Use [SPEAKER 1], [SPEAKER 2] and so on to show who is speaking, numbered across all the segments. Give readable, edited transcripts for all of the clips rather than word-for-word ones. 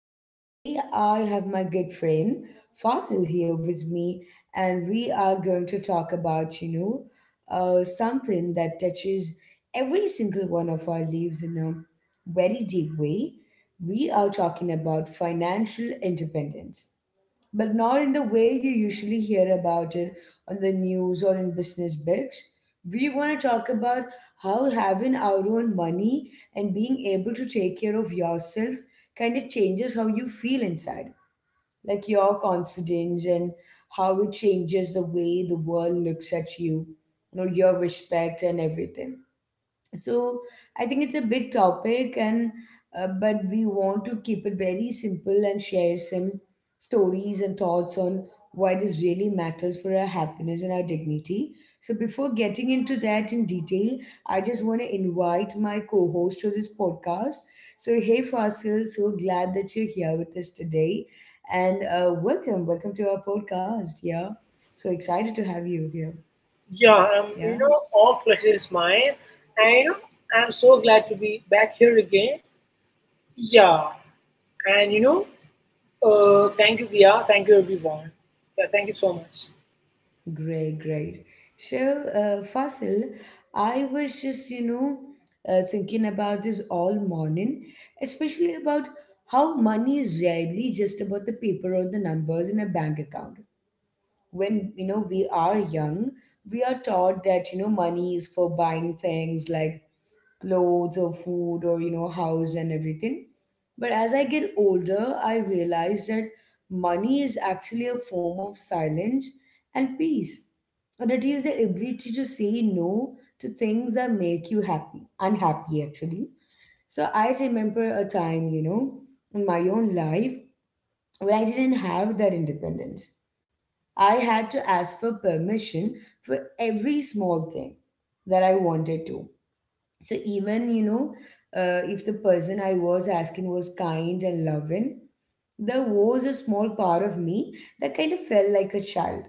[SPEAKER 1] So today I have my good friend Fazil here with me, and we are going to talk about something that touches every single one of our lives in a very deep way. We are talking about financial independence, but not in the way you usually hear about it on the news or in business books. We want to talk about how having our own money and being able to take care of yourself kind of changes how you feel inside, like your confidence, and how it changes the way the world looks at you, you know, your respect and everything. So I think it's a big topic, and but we want to keep it very simple and share some stories and thoughts on why this really matters for our happiness and our dignity. So before getting into that in detail, I just want to invite my co-host to this podcast. So hey Fasil, so glad that you're here with us today, and welcome, welcome to our podcast. Yeah, so excited to have you here.
[SPEAKER 2] Yeah,
[SPEAKER 1] Yeah.
[SPEAKER 2] all pleasure is mine. And I'm so glad to be back here again. Yeah, and, you know, thank you, Dia. Thank you, everyone. Yeah, thank you so much.
[SPEAKER 1] Great, great. So, Fasil, I was just, you know, thinking about this all morning, especially about how money is rarely just about the paper or the numbers in a bank account. When, you know, we are young, we are taught that, you know, money is for buying things like clothes or food or house and everything, but as I get older, I realize that money is actually a form of silence and peace, and it is the ability to say no to things that make you happy, unhappy actually. So I remember a time, you know, in my own life when I didn't have that independence. I had to ask for permission for every small thing that I wanted to. So even if the person I was asking was kind and loving, there was a small part of me that kind of felt like a child.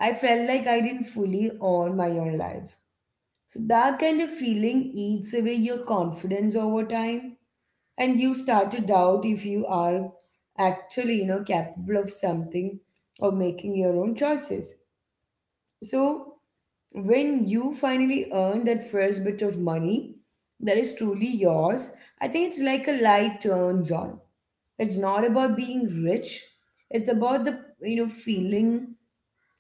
[SPEAKER 1] I felt like I didn't fully own my own life. So that kind of feeling eats away your confidence over time, and you start to doubt if you are actually capable of something or making your own choices. So when you finally earn that first bit of money that is truly yours, I think it's like a light turns on. It's not about being rich. It's about the feeling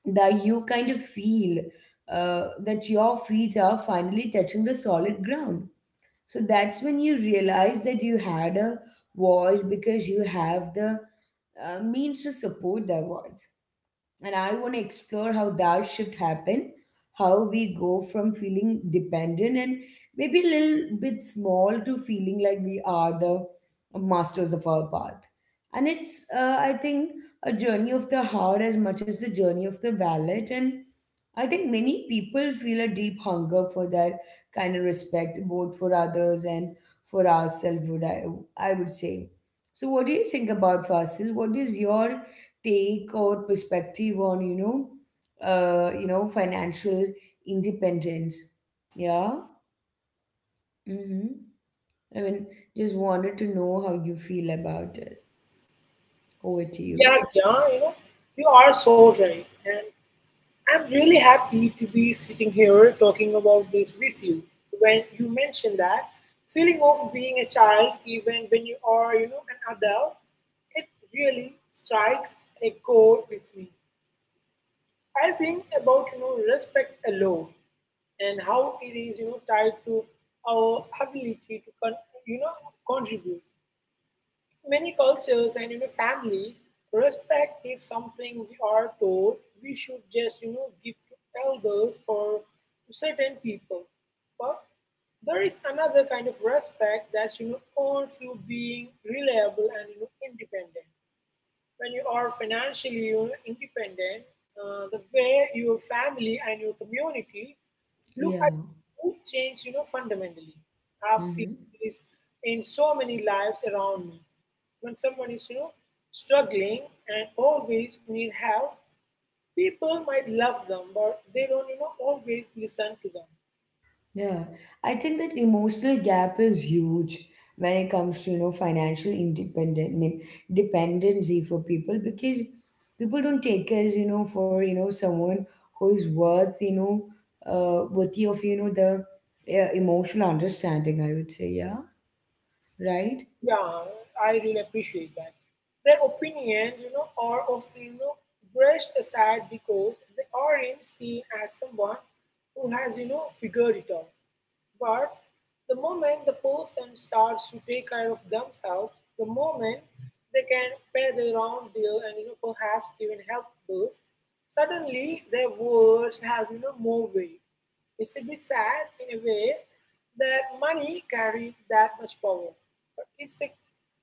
[SPEAKER 1] that you kind of feel, that your feet are finally touching the solid ground. So that's when you realize that you had a voice because you have the, means to support that voice. And I want to explore how that shift happened, how we go from feeling dependent and maybe a little bit small to feeling like we are the masters of our path. And it's, I think a journey of the heart as much as the journey of the wallet, and I think many people feel a deep hunger for that kind of respect, both for others and for ourselves, would I would say. So what do you think about, Fasil? What is your take, our perspective on, financial independence? Yeah. Mm-hmm. I mean, just wanted to know how you feel about it. Over to you.
[SPEAKER 2] Yeah, yeah, you are so right. And I'm really happy to be sitting here talking about this with you. When you mentioned that feeling of being a child, even when you are, an adult, it really strikes a chord with me. I think about respect alone and how it is tied to our ability to you know contribute. Many cultures and families, respect is something we are told we should just give to elders or to certain people, but there is another kind of respect that's earned through being reliable and independent. When you are financially independent, the way your family and your community look
[SPEAKER 1] Yeah.
[SPEAKER 2] at you change, fundamentally. I've seen
[SPEAKER 1] Mm-hmm.
[SPEAKER 2] this in so many lives around me. When someone is, struggling and always need help, people might love them, but they don't, always listen to them.
[SPEAKER 1] Yeah, I think that emotional gap is huge when it comes to, you know, financial independent, I mean, dependency for people, because people don't take us, you know, for, you know, someone who is worth, you know, worthy of, you know, the emotional understanding, I would say. Yeah, right?
[SPEAKER 2] Yeah, I really appreciate that. Their opinions, are often brushed aside because they aren't seen as someone who has figured it out. But the moment the person starts to take care of themselves, the moment they can pay their own bill and perhaps even help others, suddenly their words have more weight. It's a bit sad in a way that money carries that much power, but it's a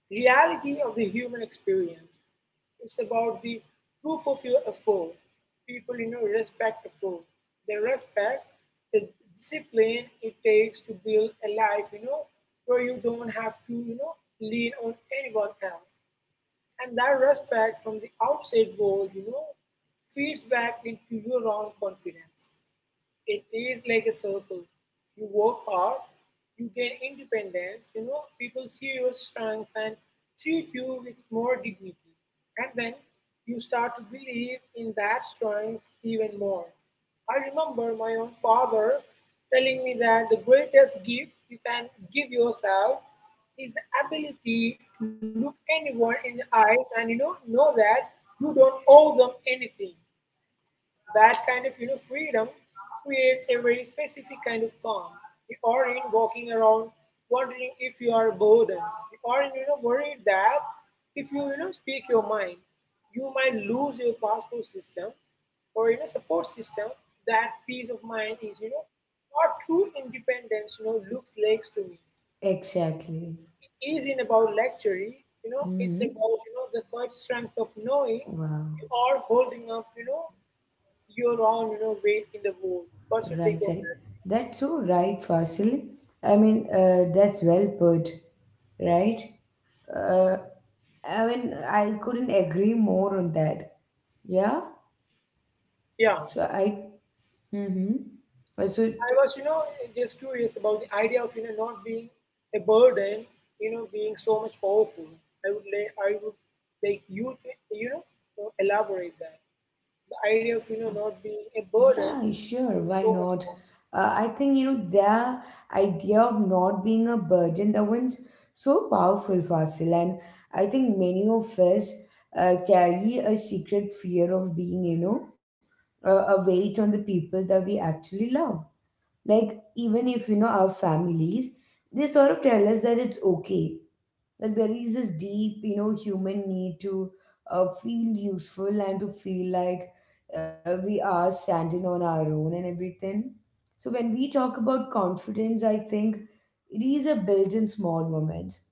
[SPEAKER 2] reality of the human experience. It's about the proof of your effort. People, respect effort. They respect the discipline it takes to build a life, where you don't have to, lean on anyone else. And that respect from the outside world, feeds back into your own confidence. It is like a circle. You work hard, you gain independence, people see your strength and treat you with more dignity. And then you start to believe in that strength even more. I remember my own father telling me that the greatest gift you can give yourself is the ability to look anyone in the eyes and know that you don't owe them anything. That kind of freedom creates a very specific kind of calm. You aren't walking around wondering if you are bored. You aren't worried that if you you know speak your mind, you might lose your passport system or in a support system. That peace of mind is what true independence looks like to me.
[SPEAKER 1] Exactly.
[SPEAKER 2] It isn't about luxury. You know it's
[SPEAKER 1] Hmm.
[SPEAKER 2] about the quiet strength of knowing
[SPEAKER 1] Wow.
[SPEAKER 2] you are holding up. You know you're on, weight in the world. What's your
[SPEAKER 1] Right,
[SPEAKER 2] take on
[SPEAKER 1] right.
[SPEAKER 2] that?
[SPEAKER 1] That's so right, Fasil. I mean, that's well put, right? Uh, I mean, I couldn't agree more on that. Yeah.
[SPEAKER 2] Yeah.
[SPEAKER 1] So
[SPEAKER 2] I
[SPEAKER 1] I. Mm-hmm. So
[SPEAKER 2] was, just curious about the idea of, not being a burden, being so much powerful. I would like you to, to elaborate that. The idea of,
[SPEAKER 1] yeah,
[SPEAKER 2] not being a burden,
[SPEAKER 1] yeah, sure.
[SPEAKER 2] being
[SPEAKER 1] Why
[SPEAKER 2] so much
[SPEAKER 1] not?
[SPEAKER 2] powerful.
[SPEAKER 1] I think the idea of not being a burden, that one's so powerful, Fasil, and I think many of us carry a secret fear of being, a weight on the people that we actually love. Like even if you know our families, they sort of tell us that it's okay. Like there is this deep, you know, human need to feel useful and to feel like, we are standing on our own and everything. So when we talk about confidence, I think it is a built in small moments.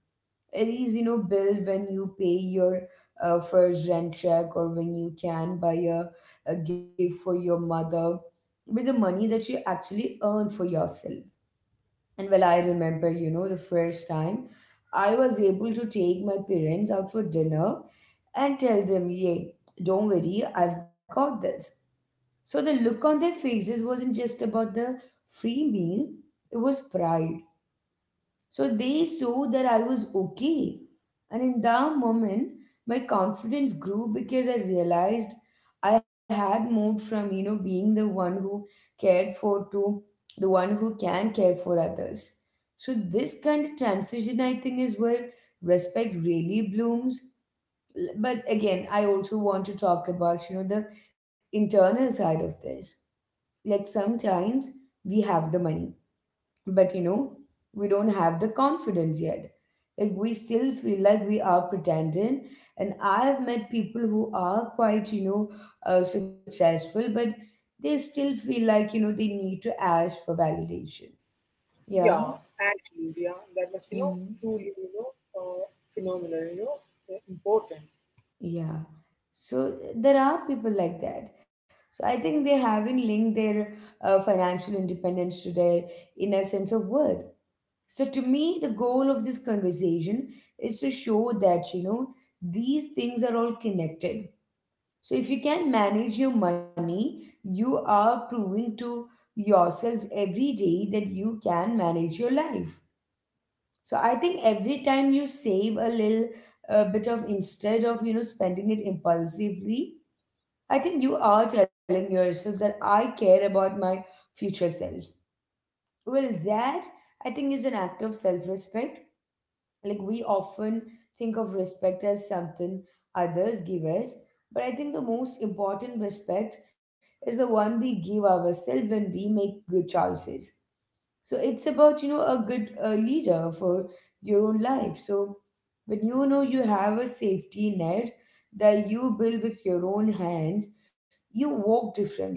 [SPEAKER 1] It is, you know, built when you pay your first rent check, or when you can buy a gift for your mother with the money that you actually earn for yourself. And well, I remember, you know, the first time I was able to take my parents out for dinner and tell them, yeah, don't worry, I've got this. So the look on their faces wasn't just about the free meal, it was pride. So they saw that I was okay. And in that moment, my confidence grew because I realized I had moved from, you know, being the one who cared for to the one who can care for others. So this kind of transition, I think, is where respect really blooms. But again, I also want to talk about, you know, the internal side of this. Like sometimes we have the money, but you know, we don't have the confidence yet. Like we still feel like we are pretending. And I have met people who are quite, you know, successful, but they still feel like, you know, they need to ask for validation. Yeah.
[SPEAKER 2] Yeah, actually, yeah, that was,
[SPEAKER 1] Hmm.
[SPEAKER 2] truly, phenomenal, important.
[SPEAKER 1] Yeah. So there are people like that. So I think they haven't linked their financial independence to their inner sense of worth. So to me, the goal of this conversation is to show that, you know, these things are all connected. So if you can manage your money, you are proving to yourself every day that you can manage your life. So I think every time you save a little bit of, instead of, you know, spending it impulsively, I think you are telling yourself that I care about my future self. Well, that I think is an act of self respect. Like we often think of respect as something others give us, but I think the most important respect is the one we give ourselves when we make good choices. So it's about, you know, a good, leader for your own life. So when you know you have a safety net that you build with your own hands, you walk differently.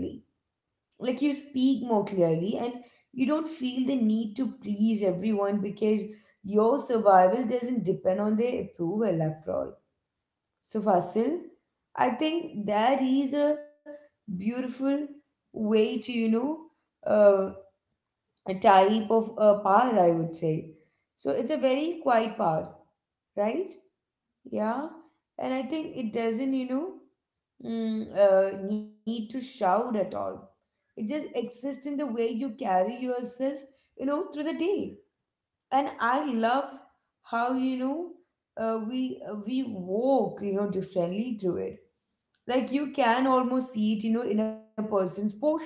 [SPEAKER 1] Like you speak more clearly, and you don't feel the need to please everyone because your survival doesn't depend on their approval after all. So, Fasil, I think that is a beautiful way to, you know, uh, a type of a power, I would say. So, it's a very quiet power, right? Yeah. And I think it doesn't need to shout at all. It just exists in the way you carry yourself, you know, through the day. And I love how, you know, we walk, you know, differently through it. Like you can almost see it, you know, in a person's posture.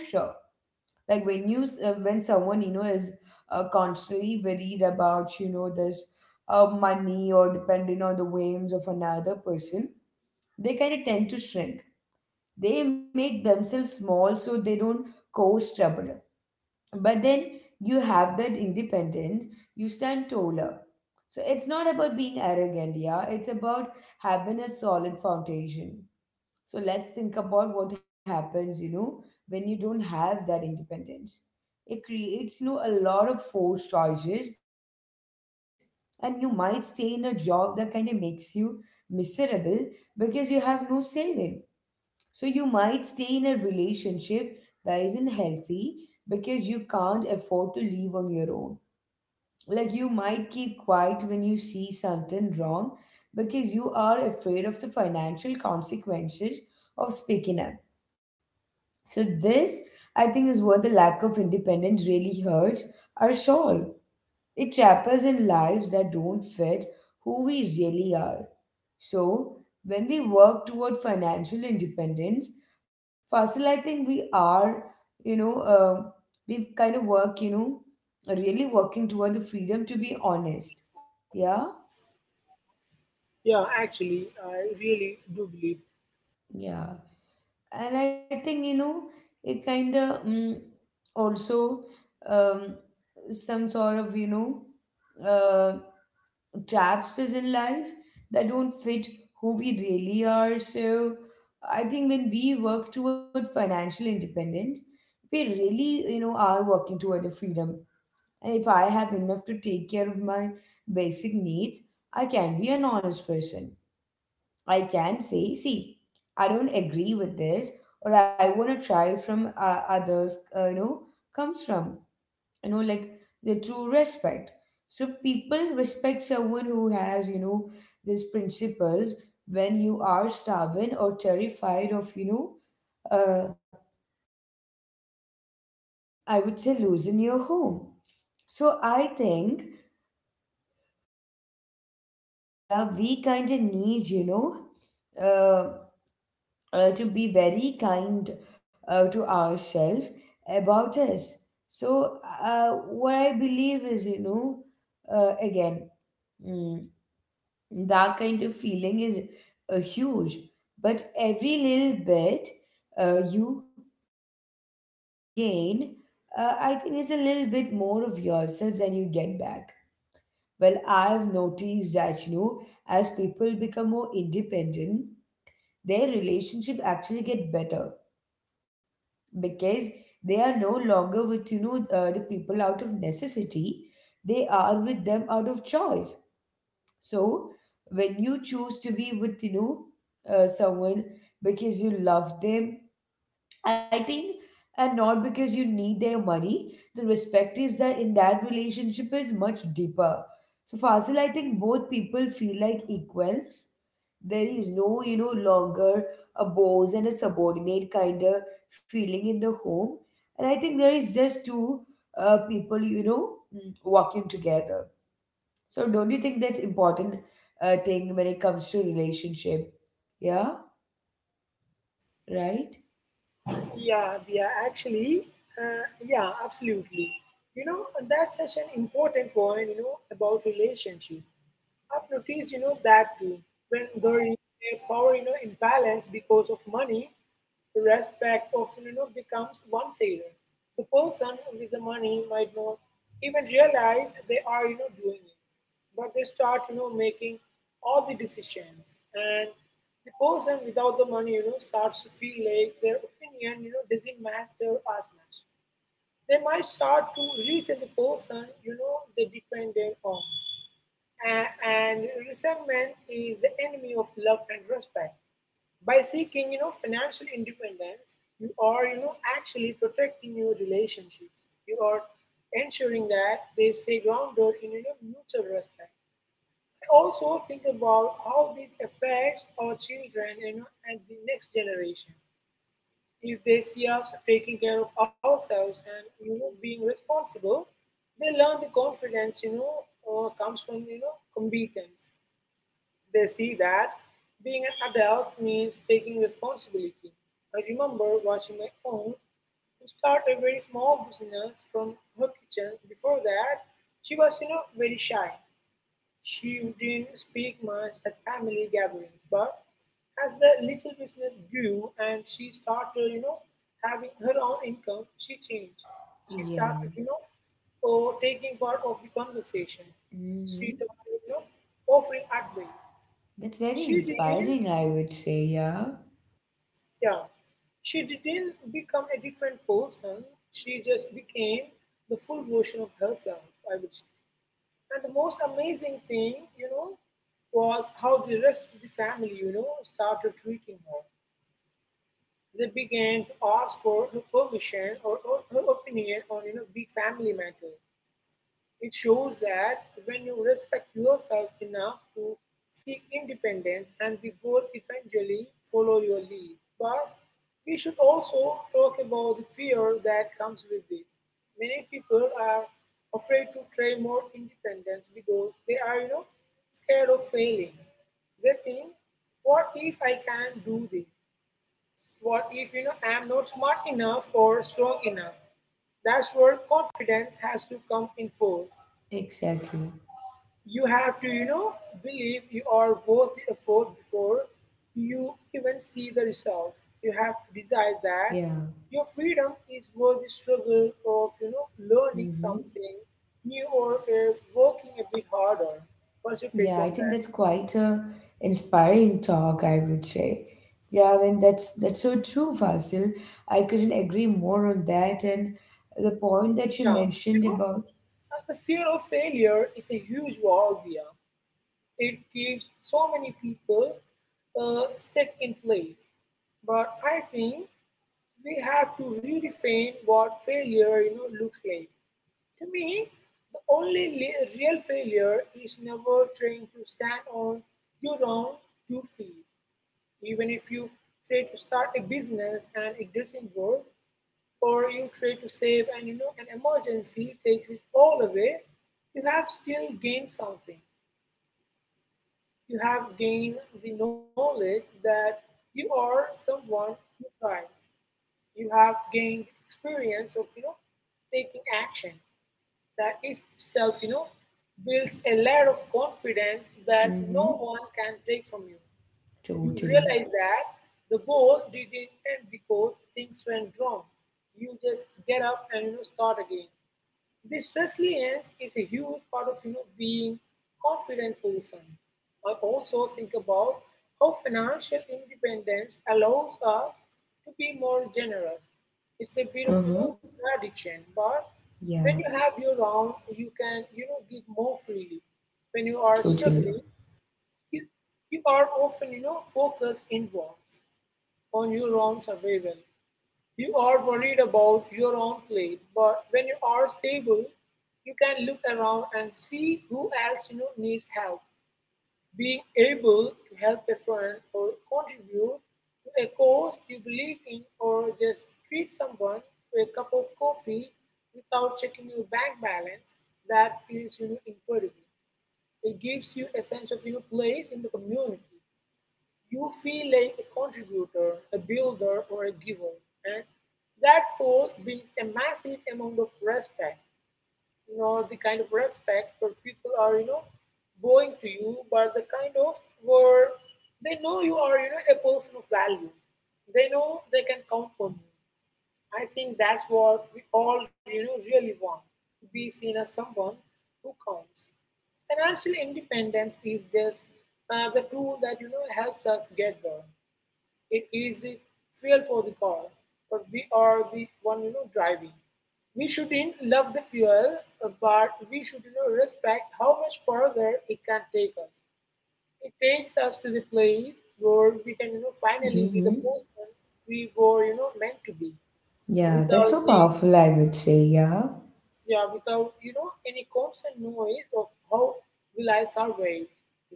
[SPEAKER 1] Like when when someone, you know, is constantly worried about, you know, this, money or depending on the whims of another person, they kind of tend to shrink. They make themselves small so they don't cause trouble. But then you have that independence, you stand taller. So it's not about being arrogant, yeah, it's about having a solid foundation. So let's think about what happens, you know, when you don't have that independence. It creates, you know, a lot of forced choices, and you might stay in a job that kind of makes you miserable because you have no say in it. So you might stay in a relationship that isn't healthy because you can't afford to leave on your own. Like you might keep quiet when you see something wrong because you are afraid of the financial consequences of speaking up. So this I think is what the lack of independence really hurts our soul. It traps us in lives that don't fit who we really are. So when we work toward financial independence, Fasil, I think we are, you know, we kind of work, you know, really working toward the freedom to be honest. Yeah,
[SPEAKER 2] Yeah, actually, I really do believe.
[SPEAKER 1] yeah. And I think, you know, it kind of also um, some sort of, you know, uh, traps us in life that don't fit who we really are. So I think when we work toward financial independence, we really, you know, are working toward the freedom. And if I have enough to take care of my basic needs, I can be an honest person. I can say, see, I don't agree with this, or I want to try from others, comes from like the true respect. So people respect someone who has, you know, these principles when you are starving or terrified of, you know, uh, I would say losing your home. So I think that we kind of need, you know, uh, to be very kind to ourselves about us. So, uh, what I believe is, you know, again, mm, that kind of feeling is huge, but every little bit you gain, I think, is a little bit more of yourself than you get back. Well, I've noticed that, you know, as people become more independent, their relationship actually get better, because they are no longer with, you know, the people out of necessity. They are with them out of choice. So when you choose to be with, you know, someone because you love them, I think, and not because you need their money, the respect is that in that relationship is much deeper. So Fasil, I think both people feel like equals. There is no, you know, longer a boss and a subordinate kind of feeling in the home, and I think there is just two people, you know, walking together. So don't you think that's important thing when it comes to relationship? Yeah, right?
[SPEAKER 2] Yeah, we are actually, yeah, absolutely. You know, that's such an important point, about relationship. I've noticed, that too. When there is a power, imbalance because of money, respect often, becomes one-sided. The person with the money might not even realize they are, doing it, but they start, making all the decisions. And the person without the money, starts to feel like their opinion, doesn't match their as much. They might start to resent the person, they dependent on, and resentment is the enemy of love and respect. By seeking, financial independence, you are, actually protecting your relationships. You are ensuring that they stay grounded in, mutual respect. I also think about how this affects our children, and the next generation. If they see us taking care of ourselves and, being responsible, they learn the confidence, comes from, competence. They see that being an adult means taking responsibility. I remember watching my aunt who started a very small business from her kitchen. Before that, she was, very shy. She didn't speak much at family gatherings, but as the little business grew and she started, having her own income, she changed. She
[SPEAKER 1] Yeah.
[SPEAKER 2] started, taking part of the conversation. She
[SPEAKER 1] Hmm.
[SPEAKER 2] started, offering advice.
[SPEAKER 1] That's very
[SPEAKER 2] She didn't,
[SPEAKER 1] inspiring, I would say. Yeah,
[SPEAKER 2] yeah, she didn't become a different person. She just became the full version of herself, I would say. And the most amazing thing, was how the rest of the family, started treating her. They began to ask for her permission or her opinion on, big family matters. It shows that when you respect yourself enough to seek independence and the world eventually follow your lead. But we should also talk about the fear that comes with this. Many people are afraid to try more independence because they are, scared of failing. They think, what if I can't do this? What if, I'm not smart enough or strong enough? That's where confidence has to come in force.
[SPEAKER 1] exactly.
[SPEAKER 2] You have to, believe you are worth the effort before you even see the results. You have to decide
[SPEAKER 1] Yeah.
[SPEAKER 2] that your freedom is worth the struggle of, learning
[SPEAKER 1] Hmm.
[SPEAKER 2] something new or working a bit harder. What's your
[SPEAKER 1] Yeah,
[SPEAKER 2] take
[SPEAKER 1] I
[SPEAKER 2] on
[SPEAKER 1] think that's
[SPEAKER 2] that?
[SPEAKER 1] quite a inspiring talk, I would say. Yeah, I mean that's so true, Fasil. I couldn't agree more on that and the point that you
[SPEAKER 2] Yeah, you
[SPEAKER 1] mentioned
[SPEAKER 2] know,
[SPEAKER 1] about.
[SPEAKER 2] the fear of failure is a huge wall there. It keeps so many people stuck in place. But I think we have to redefine what failure looks like. To me, the only real failure is never trying to stand on your own two feet. Even if you try to start a business and it doesn't work, or you try to save and an emergency takes it all away, you have still gained something. You have gained the knowledge that you are someone who tries. You have gained experience of taking action. That is itself builds a layer of confidence that
[SPEAKER 1] Mm-hmm.
[SPEAKER 2] no one can take from you. You
[SPEAKER 1] Totally.
[SPEAKER 2] realize that the goal didn't end because things went wrong. You just get up and start again. This resilience is a huge part of being confident person. I also think about how financial independence allows us to be more generous. It's a bit of
[SPEAKER 1] Uh-huh.
[SPEAKER 2] contradiction, but
[SPEAKER 1] Yeah,
[SPEAKER 2] when you have your own, you can give more freely. When you are
[SPEAKER 1] totally.
[SPEAKER 2] struggling, you you are often focused inwards on your own survival. You are worried about your own plate, but when you are stable, you can look around and see who else needs help. Being able to help a friend or contribute to a cause you believe in, or just treat someone to a cup of coffee without checking your bank balance, that feels incredible. It gives you a sense of place in the community. You feel like a contributor, a builder, or a giver, and that role brings a massive amount of respect. You know, the kind of respect where people are, going to you, but the kind of where they know you are, a person of value. They know they can count on you. I think that's what we all, really want to be seen as someone who counts. Financial independence is just the tool that helps us get there. It is the fuel for the car, but we are the one driving. We shouldn't love the fuel, but we should respect how much further it can take us. It takes us to the place where we can finally be the
[SPEAKER 1] Mm-hmm.
[SPEAKER 2] person we were meant to be,
[SPEAKER 1] Yeah, that's
[SPEAKER 2] without
[SPEAKER 1] so
[SPEAKER 2] the
[SPEAKER 1] powerful, I would say. Yeah,
[SPEAKER 2] yeah without any constant noise of how will I survive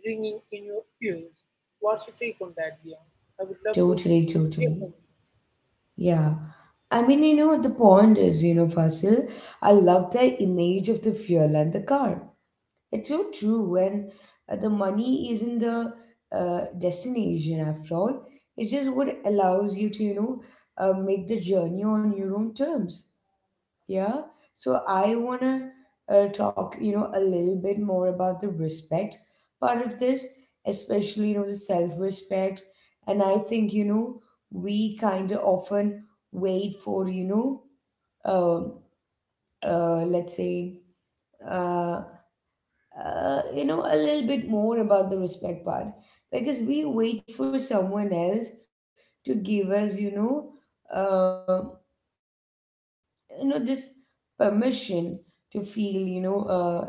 [SPEAKER 2] ringing in your ears. What's your take on that, Dion? I would love to
[SPEAKER 1] totally,
[SPEAKER 2] hear
[SPEAKER 1] totally.
[SPEAKER 2] from you.
[SPEAKER 1] Yeah. I mean, you know, the point is, you know, Fasil, I love the image of the fuel and the car. It's so true. When the money isn't the destination after all. It's just what allows you to, you know, make the journey on your own terms. Yeah. So I want to talk, you know, a little bit more about the respect part of this, especially, you know, the self-respect. And I think, you know, we kind of often wait for, you know, um let's say, uh, you know, a little bit more about the respect part, because we wait for someone else to give us, uh you know this permission to feel, you know, proud of ourselves,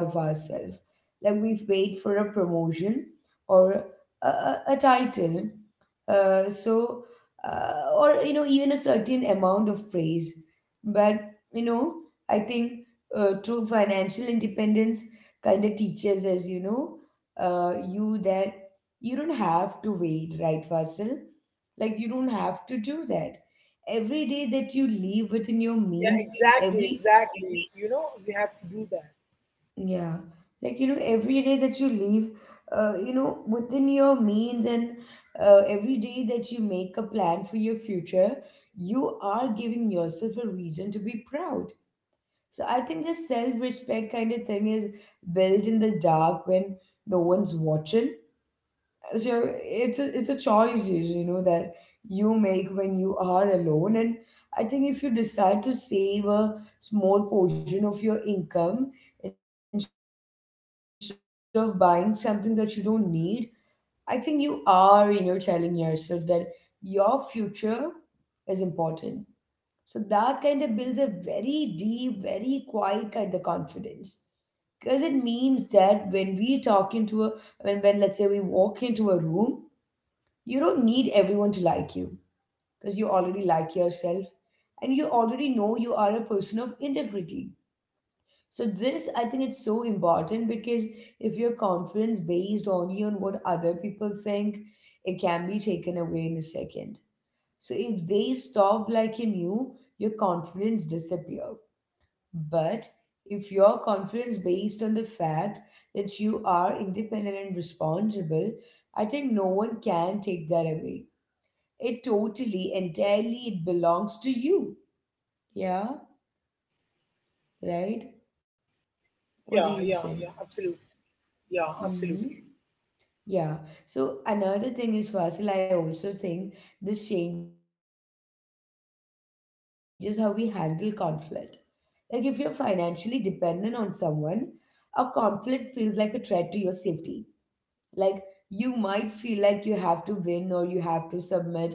[SPEAKER 1] like we have wait for a promotion, or a title, uh, so or, you know, even a certain amount of praise. But, you know, I think true financial independence kind of teaches us, you know, you that you don't have to wait, right, Fasil? Like, you don't have to do that. Every day that you live within your
[SPEAKER 2] Yeah,
[SPEAKER 1] means,
[SPEAKER 2] exactly,
[SPEAKER 1] every,
[SPEAKER 2] exactly. You know, we have to do that.
[SPEAKER 1] yeah, like, you know, every day that you leave, you know, within your means, and every day that you make a plan for your future, you are giving yourself a reason to be proud. So I think this self-respect kind of thing is built in the dark when no one's watching. So it's a choice usually, you know, that you make when you are alone. And I think if you decide to save a small portion of your income instead of buying something that you don't need, I think you are, you know, telling yourself that your future is important. So that kind of builds a very deep, very quiet kind of confidence, because it means that when we talk into a, when let's say we walk into a room, you don't need everyone to like you because you already like yourself, and you already know you are a person of integrity. So this, I think, it's so important because if your confidence based only on what other people think, it can be taken away in a second. So if they stop liking you, your confidence disappear. But if your confidence based on the fact that you are independent and responsible, I think no one can take that away. It totally, entirely, it belongs to you. Yeah, right? What do
[SPEAKER 2] Yeah,
[SPEAKER 1] you
[SPEAKER 2] yeah,
[SPEAKER 1] think?
[SPEAKER 2] yeah, absolutely. Yeah,
[SPEAKER 1] Mm-hmm.
[SPEAKER 2] absolutely.
[SPEAKER 1] Yeah. So another thing is, Fasil, I also think this changes how we handle conflict. Like, if you're financially dependent on someone, a conflict feels like a threat to your safety. Like, you might feel like you have to win or you have to submit to survive. But again,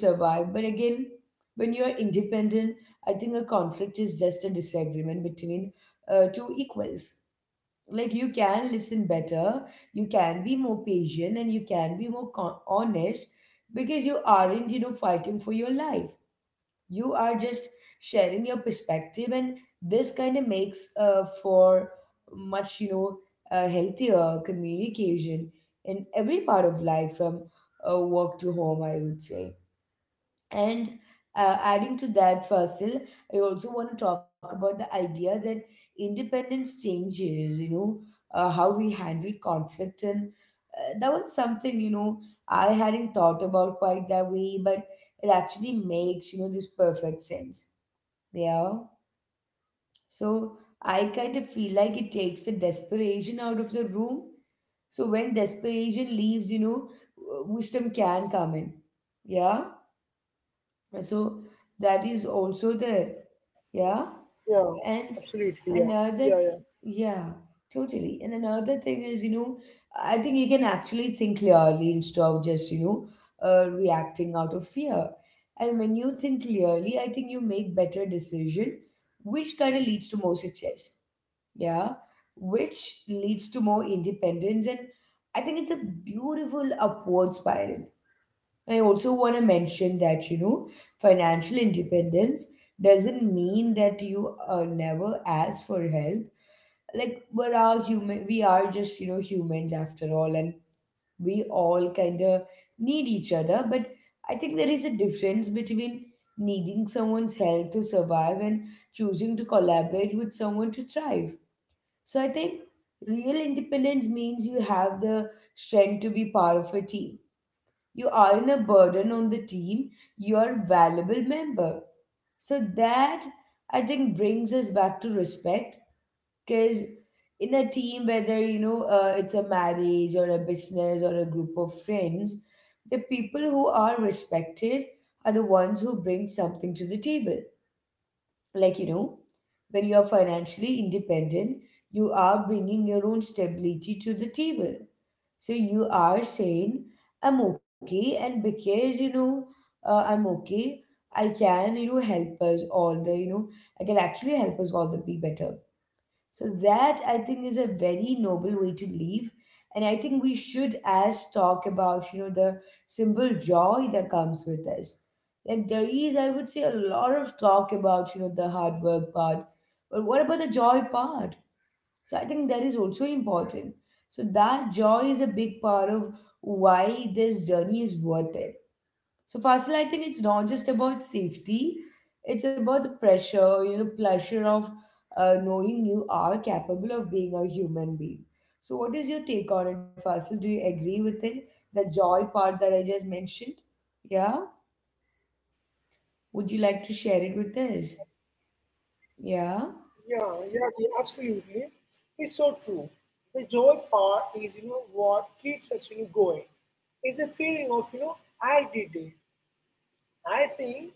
[SPEAKER 1] when you're independent, I think a conflict is just a disagreement between two equals. Like, you can listen better, you can be more patient, and you can be more honest because you aren't, you know, fighting for your life. You are just sharing your perspective, and this kind of makes for much, you know, healthier communication in every part of life, from work to home, I would say. And adding to that, Fasil, I also want to talk about the idea that independence changes, you know, how we handle conflict. And that was something, you know, I hadn't thought about quite that way, but it actually makes, you know, this perfect sense. Yeah. So I kind of feel like it takes the desperation out of the room. So when desperation leaves, you know, wisdom can come in. Yeah, so that is also there. Yeah,
[SPEAKER 2] Yeah,
[SPEAKER 1] and
[SPEAKER 2] absolutely. Yeah,
[SPEAKER 1] another,
[SPEAKER 2] yeah, yeah,
[SPEAKER 1] yeah, totally. And another thing is, you know, I think you can actually think clearly instead of just, you know, reacting out of fear. And when you think clearly, I think you make better decision, which kind of leads to more success, yeah, which leads to more independence. And I think it's a beautiful upward spiral. I also want to mention that, you know, financial independence doesn't mean that you never ask for help. Like, we are human, we are just, you know, humans after all, and we all kind of need each other. But I think there is a difference between needing someone's help to survive and choosing to collaborate with someone to thrive. So I think real independence means you have the strength to be part of a team. You aren't a burden on the team, you're a valuable member. So that, I think, brings us back to respect, because in a team, whether, you know, it's a marriage or a business or a group of friends, the people who are respected are the ones who bring something to the table. Like, you know, when you're financially independent, you are bringing your own stability to the table, so you are saying I'm okay, and because, you know, I'm okay, I can, you know, help us all the, you know, I can actually help us all the be better. So that, I think, is a very noble way to live, and I think we should as talk about, you know, the simple joy that comes with us. Like, there is, I would say, a lot of talk about, you know, the hard work part, but what about the joy part? So I think that is also important. So that joy is a big part of why this journey is worth it. So Faisal, I think it's not just about safety; it's about the pressure, you know, the pleasure of knowing you are capable of being a human being. So what is your take on it, Faisal? Do you agree with it? The joy part that I just mentioned. Yeah. Would you like to share it with us? Yeah.
[SPEAKER 2] yeah, yeah, yeah, absolutely. It's so true. The joy part is, what keeps us, going. It's a feeling of, I did it. I think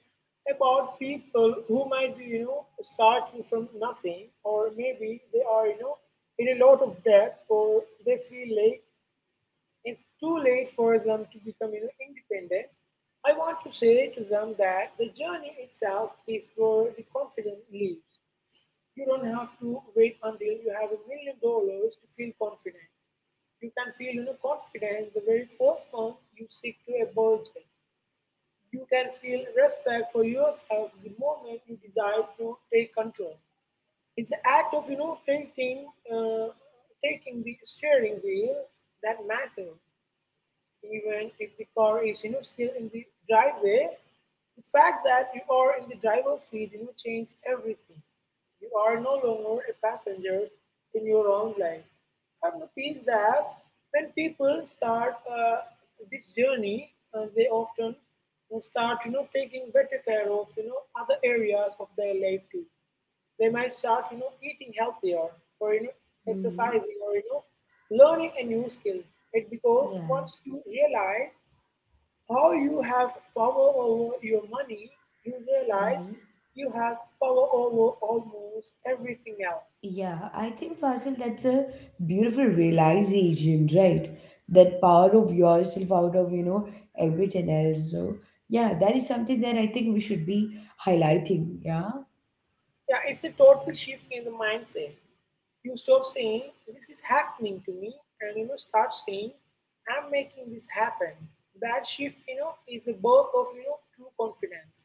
[SPEAKER 2] about people who might be, starting from nothing, or maybe they are, in a lot of debt, or they feel like it's too late for them to become independent. I want to say to them that the journey itself is where the confidence lives. You don't have to wait until you have $1 million to feel confident. You can feel confident the very first month you stick to a budget. You can feel respect for yourself the moment you decide to take control. It's the act of taking taking the steering wheel that matters, even if the car is still in the driveway. The fact that you are in the driver's seat changes everything. You are no longer a passenger in your own life. I've noticed that when people start this journey, they often start taking better care of other areas of their life too. They might start, eating healthier, or
[SPEAKER 1] Mm-hmm.
[SPEAKER 2] exercising, or learning a new skill. It because
[SPEAKER 1] Yeah.
[SPEAKER 2] once you realize how you have power over your money, you realize
[SPEAKER 1] Mm-hmm.
[SPEAKER 2] you have power over almost everything else.
[SPEAKER 1] Yeah, I think Fasil, that's a beautiful realization, right? That power of yourself out of, you know, everything else. So, yeah, that is something that I think we should be highlighting. Yeah.
[SPEAKER 2] Yeah, it's a total shift in the mindset. You stop saying this is happening to me, and start saying I'm making this happen. That shift, is the birth of true confidence.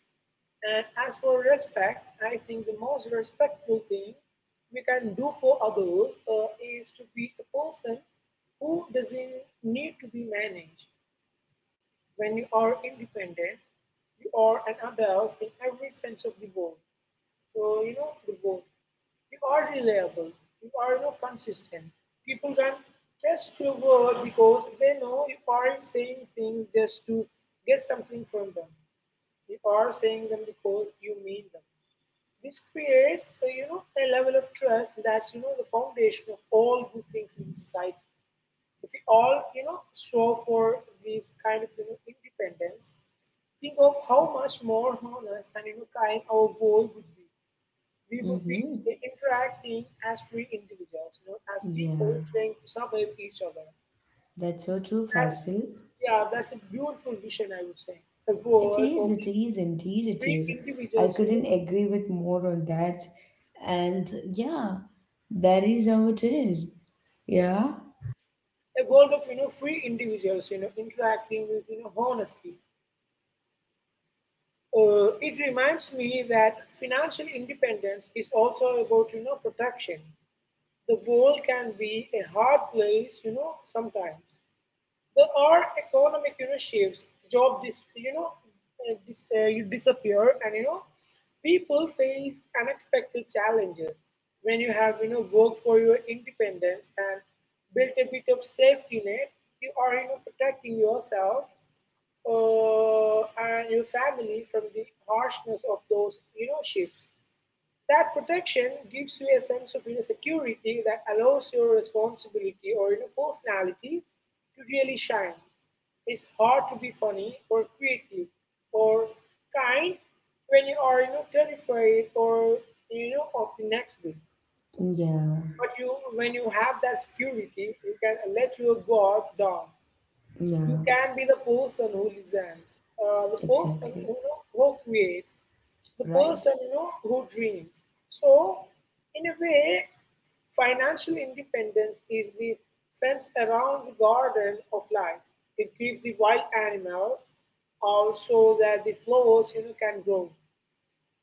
[SPEAKER 2] And as for respect, I think the most respectful thing we can do for others is to be a person who doesn't need to be managed. When you are independent, you are an adult in every sense of the word. So, the word. You are reliable. You are consistent. People can trust your word because they know you aren't saying things just to get something from them. You are saying them because you mean them. This creates, a level of trust that's, the foundation of all good things in the society. If we all, show for this kind of, independence, think of how much more honest and, kind our world would be. We would be
[SPEAKER 1] Mm-hmm.
[SPEAKER 2] interacting as free individuals, as people
[SPEAKER 1] Yeah,
[SPEAKER 2] trying to survive each other.
[SPEAKER 1] that's so true,
[SPEAKER 2] That,
[SPEAKER 1] Fasil.
[SPEAKER 2] yeah, that's a beautiful vision, I would say. A world of
[SPEAKER 1] It is, indeed it
[SPEAKER 2] free
[SPEAKER 1] is. I
[SPEAKER 2] individuals, you know,
[SPEAKER 1] couldn't agree with more on that. And yeah, that is how it is. Yeah.
[SPEAKER 2] a world of you know free individuals interacting with honesty. It reminds me that financial independence is also about protection. The world can be a hard place, sometimes. There are economic shifts. Job dis, you disappear, and people face unexpected challenges. When you have worked for your independence and built a bit of safety net, you are protecting yourself uh, and your family from the harshness of those shifts. That protection gives you a sense of security that allows your responsibility or personality to really shine. It's hard to be funny or creative or kind when you are terrified or of the next bit.
[SPEAKER 1] Yeah.
[SPEAKER 2] But you, when you have that security, you can let your guard down.
[SPEAKER 1] Yeah.
[SPEAKER 2] You can be the person who listens, the person who,
[SPEAKER 1] Exactly.
[SPEAKER 2] who creates, the
[SPEAKER 1] Right.
[SPEAKER 2] person who dreams. So, in a way, financial independence is the fence around the garden of life. It keeps the wild animals out so that the flowers can grow.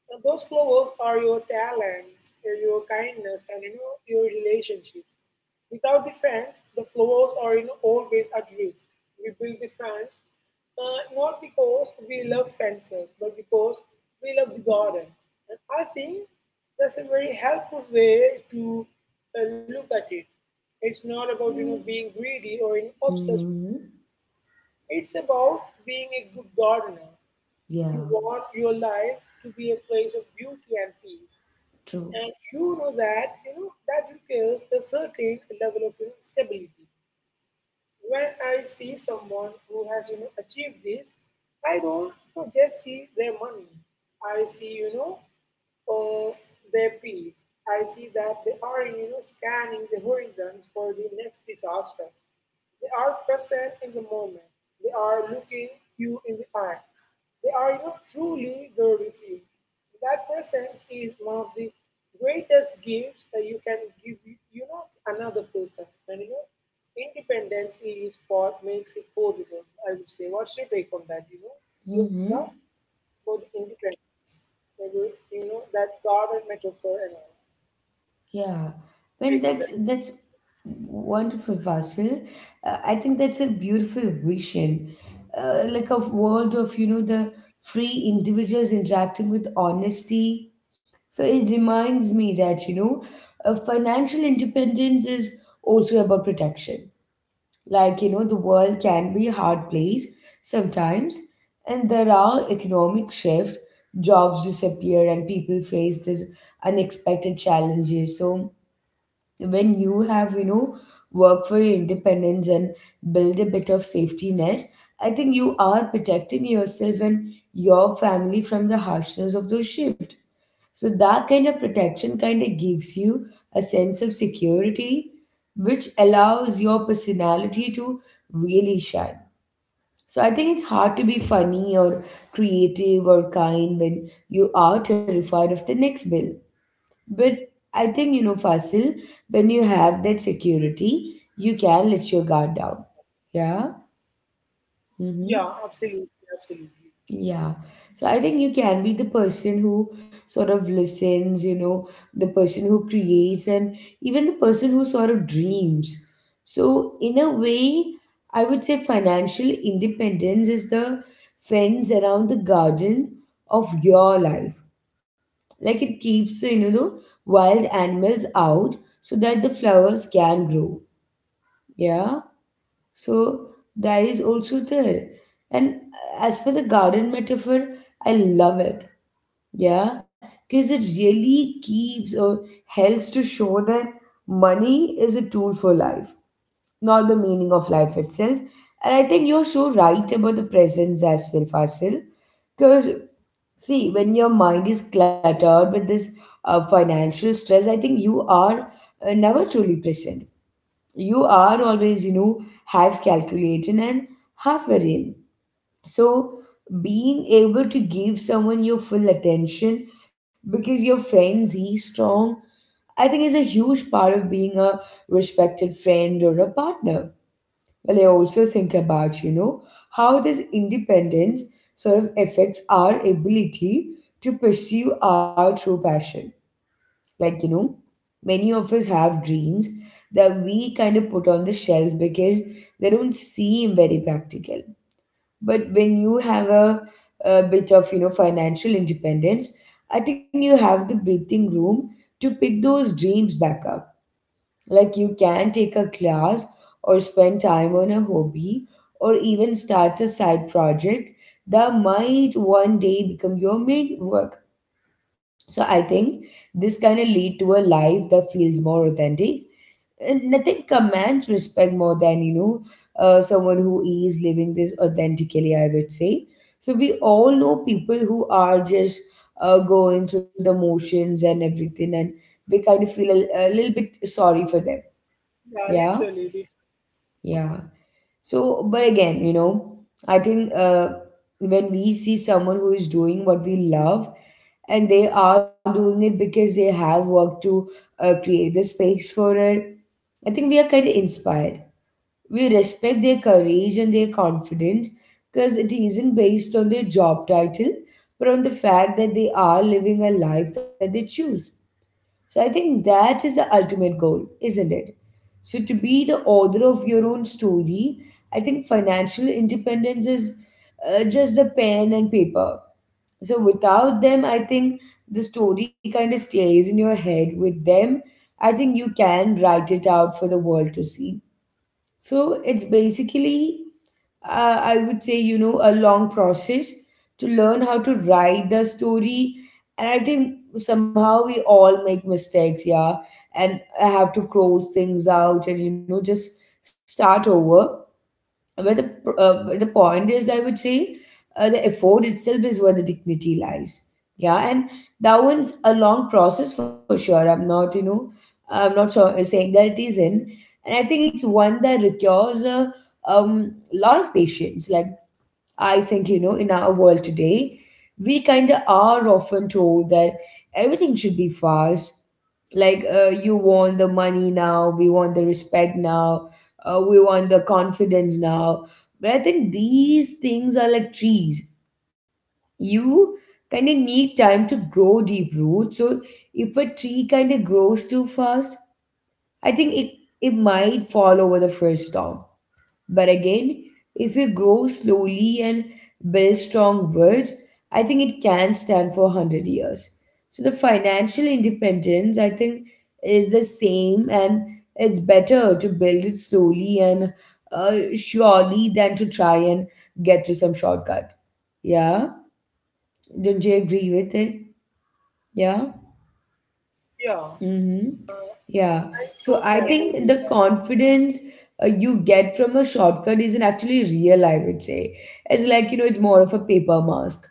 [SPEAKER 2] So those flowers are your talents, your kindness, and your relationships. Without the fence, the flowers are always at risk. We build the fence not because we love fences, but because we love the garden. And I think that's a very helpful way to look at it. It's not about being greedy or obsessed.
[SPEAKER 1] Mm-hmm.
[SPEAKER 2] It's about being a good gardener. You
[SPEAKER 1] Yeah,
[SPEAKER 2] want your life to be a place of beauty and peace,
[SPEAKER 1] true.
[SPEAKER 2] and that requires a certain level of stability. When I see someone who has achieved this, I don't just see their money. I see uh, their peace. I see that they are scanning the horizons for the next disaster. They are present in the moment. They are looking you in the eye. They are truly there with you. That presence is one of the greatest gifts that you can give another person. And independence is what makes it possible. I would say, what's your take on that? We are
[SPEAKER 1] Mm-hmm.
[SPEAKER 2] both independence. They will, that garden metaphor and all.
[SPEAKER 1] Yeah,
[SPEAKER 2] Take
[SPEAKER 1] and
[SPEAKER 2] on that.
[SPEAKER 1] that's wonderful, Vasil. I think that's a beautiful vision, like a world of, you know, the free individuals interacting with honesty. So it reminds me that, you know, financial independence is also about protection. Like, you know, the world can be a hard place sometimes, and there are economic shift, jobs disappear, and people face these unexpected challenges. So when you have, you know, work for your independence and build a bit of safety net, I think you are protecting yourself and your family from the harshness of those shift. So that kind of protection kind of gives you a sense of security, which allows your personality to really shine. So I think it's hard to be funny or creative or kind when you are terrified of the next bill. But I think, you know, Fasil, when you have that security, you can let your guard down. Yeah?
[SPEAKER 2] Yeah,
[SPEAKER 1] Mm-hmm.
[SPEAKER 2] absolutely, absolutely.
[SPEAKER 1] Yeah. So I think you can be the person who sort of listens, you know, the person who creates, and even the person who sort of dreams. So, in a way, I would say financial independence is the fence around the garden of your life. Like it keeps, you know, the wild animals out so that the flowers can grow. Yeah. So, that is also there. And as for the garden metaphor, I love it, yeah, because it really keeps or helps to show that money is a tool for life, not the meaning of life itself. And I think you're so right about the presence as well, Fasil. Because, see, when your mind is cluttered with this financial stress, I think you are never truly present. You are always, you know, half calculating and half worrying, so being able to give someone your full attention, because your friends he's strong, I think is a huge part of being a respected friend or a partner. Well, I also think about, you know, how this independence sort of affects our ability to pursue our true passion. Like, you know, many of us have dreams that we kind of put on the shelf because they don't seem very practical. But when you have a bit of, you know, financial independence, I think you have the breathing room to pick those dreams back up. Like, you can take a class, or spend time on a hobby, or even start a side project that might one day become your main work. So I think this kind of lead to a life that feels more authentic, and nothing commands respect more than, you know, someone who is living this authentically, I would say. So we all know people who are just going through the motions and everything, and we kind of feel a little bit sorry for them.
[SPEAKER 2] Yeah,
[SPEAKER 1] Yeah.
[SPEAKER 2] literally, literally.
[SPEAKER 1] Yeah. So, but again, you know, I think, when we see someone who is doing what we love, and they are doing it because they have worked to create the space for it, I think we are kind of inspired. We respect their courage and their confidence because it isn't based on their job title, but on the fact that they are living a life that they choose. So I think that is the ultimate goal, isn't it? So, to be the author of your own story, I think financial independence is just the pen and paper. So without them, I think the story kind of stays in your head. With them, I think you can write it out for the world to see. So it's basically, I would say, you know, a long process to learn how to write the story. And I think somehow we all make mistakes, yeah. And I have to close things out and, you know, just start over. But but the point is, I would say, the effort itself is where the dignity lies. Yeah, and that one's a long process for sure. I'm not, you know, I'm not sure, saying that it isn't. And I think it's one that requires a lot of patience. Like, I think, you know, in our world today, we kind of are often told that everything should be fast. Like, you want the money now, we want the respect now, we want the confidence now. But I think these things are like trees. You kind of need time to grow deep roots. So, if a tree kind of grows too fast, I think it, it might fall over the first storm. But again, if we grow slowly and build strong words, I think it can stand for 100 years. So the financial independence, I think, is the same, and it's better to build it slowly and surely than to try and get to some shortcut. Yeah? Don't you agree with it? Yeah?
[SPEAKER 2] Yeah.
[SPEAKER 1] Mm-hmm.
[SPEAKER 2] Uh,
[SPEAKER 1] Yeah.
[SPEAKER 2] I
[SPEAKER 1] So I
[SPEAKER 2] totally
[SPEAKER 1] think
[SPEAKER 2] agree with
[SPEAKER 1] the
[SPEAKER 2] that.
[SPEAKER 1] confidence you get from a shortcut isn't actually real, I would say. It's like, you know, it's more of a paper mask.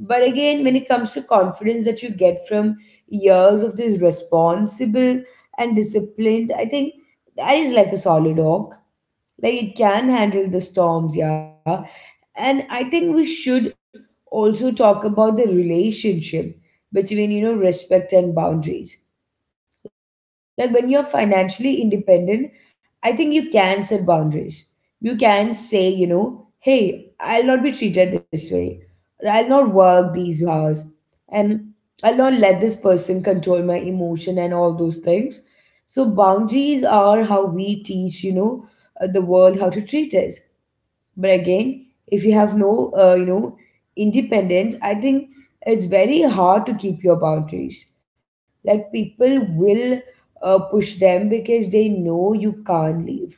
[SPEAKER 1] But again, when it comes to confidence that you get from years of this responsible and disciplined, I think that is like a solid oak. Like, it can handle the storms, yeah. And I think we should also talk about the relationship between, you know, respect and boundaries. Like, when you're financially independent, I think you can set boundaries. You can say, you know, hey, I'll not be treated this way. Or I'll not work these hours. And I'll not let this person control my emotion and all those things. So boundaries are how we teach, you know, the world how to treat us. But again, if you have no you know, independence, I think it's very hard to keep your boundaries. Like, people will push them because they know you can't leave.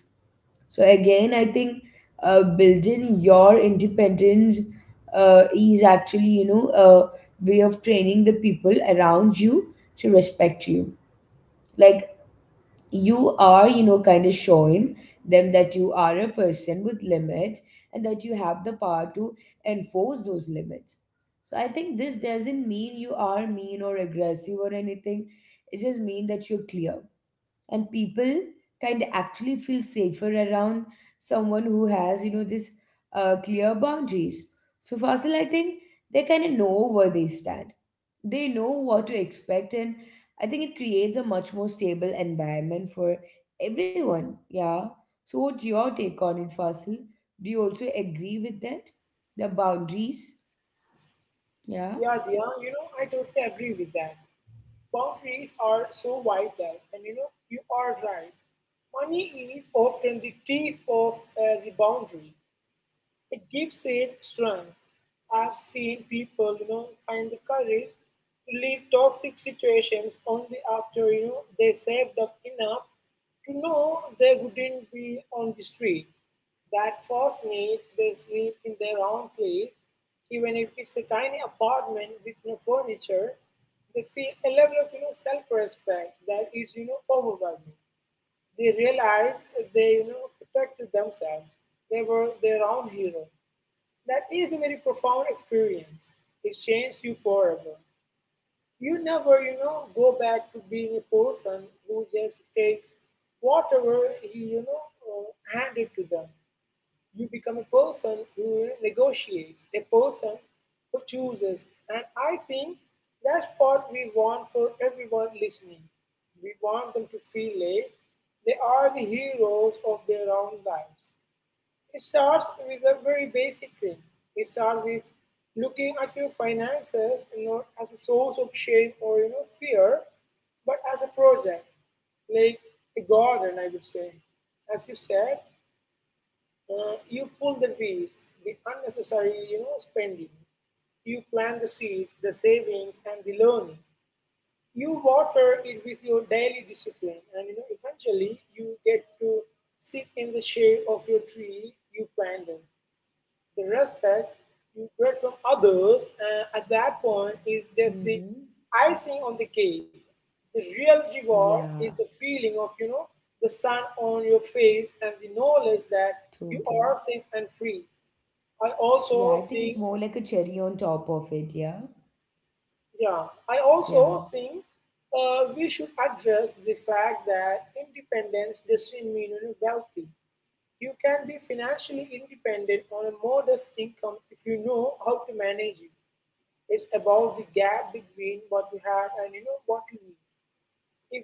[SPEAKER 1] So again, I think building your independence is actually, you know, a way of training the people around you to respect you. Like, you are, you know, kind of showing them that you are a person with limits, and that you have the power to enforce those limits. So I think this doesn't mean you are mean or aggressive or anything. It just means that you're clear. And people kind of actually feel safer around someone who has, you know, this clear boundaries. So, Fasil, I think they kind of know where they stand, they know what to expect, and I think it creates a much more stable environment for everyone. Yeah. So what's your take on it, Fasil? Do you also agree with that, the boundaries? Yeah?
[SPEAKER 2] Yeah, Dia, I totally agree with that. Boundaries are so vital, and you are right. Money is often the teeth of the boundary. It gives it strength. I've seen people, find the courage to leave toxic situations only after, they saved up enough to know they wouldn't be on the street. That first night they sleep in their own place, even if it's a tiny apartment with no furniture, they feel a level of self-respect that is overwhelming. They realize they protected themselves. They were their own hero. That is a very profound experience. It changes you forever. You never, go back to being a person who just takes whatever he, handed to them. You become a person who negotiates, a person who chooses. And I think that's what we want for everyone listening. We want them to feel like they are the heroes of their own lives. It starts with a very basic thing. It starts with looking at your finances not as a source of shame or fear, but as a project, like a garden, I would say. As you said, you pull the weeds, the unnecessary spending. You plant the seeds, the savings, and the learning. You water it with your daily discipline, and eventually you get to sit in the shade of your tree you planted. The respect you get from others at that point is just the
[SPEAKER 1] Mm-hmm.
[SPEAKER 2] icing on the cake. The real reward is
[SPEAKER 1] Yeah,
[SPEAKER 2] the feeling of, the sun on your face and the knowledge that you
[SPEAKER 1] totally.
[SPEAKER 2] are safe and free. I
[SPEAKER 1] Yeah,
[SPEAKER 2] also
[SPEAKER 1] I think it's
[SPEAKER 2] think,
[SPEAKER 1] more like a cherry on top of it, yeah.
[SPEAKER 2] yeah, I
[SPEAKER 1] Yeah.
[SPEAKER 2] also think we should address the fact that independence doesn't mean wealthy. You can be financially independent on a modest income if you know how to manage it. It's about the gap between what you have and what you need.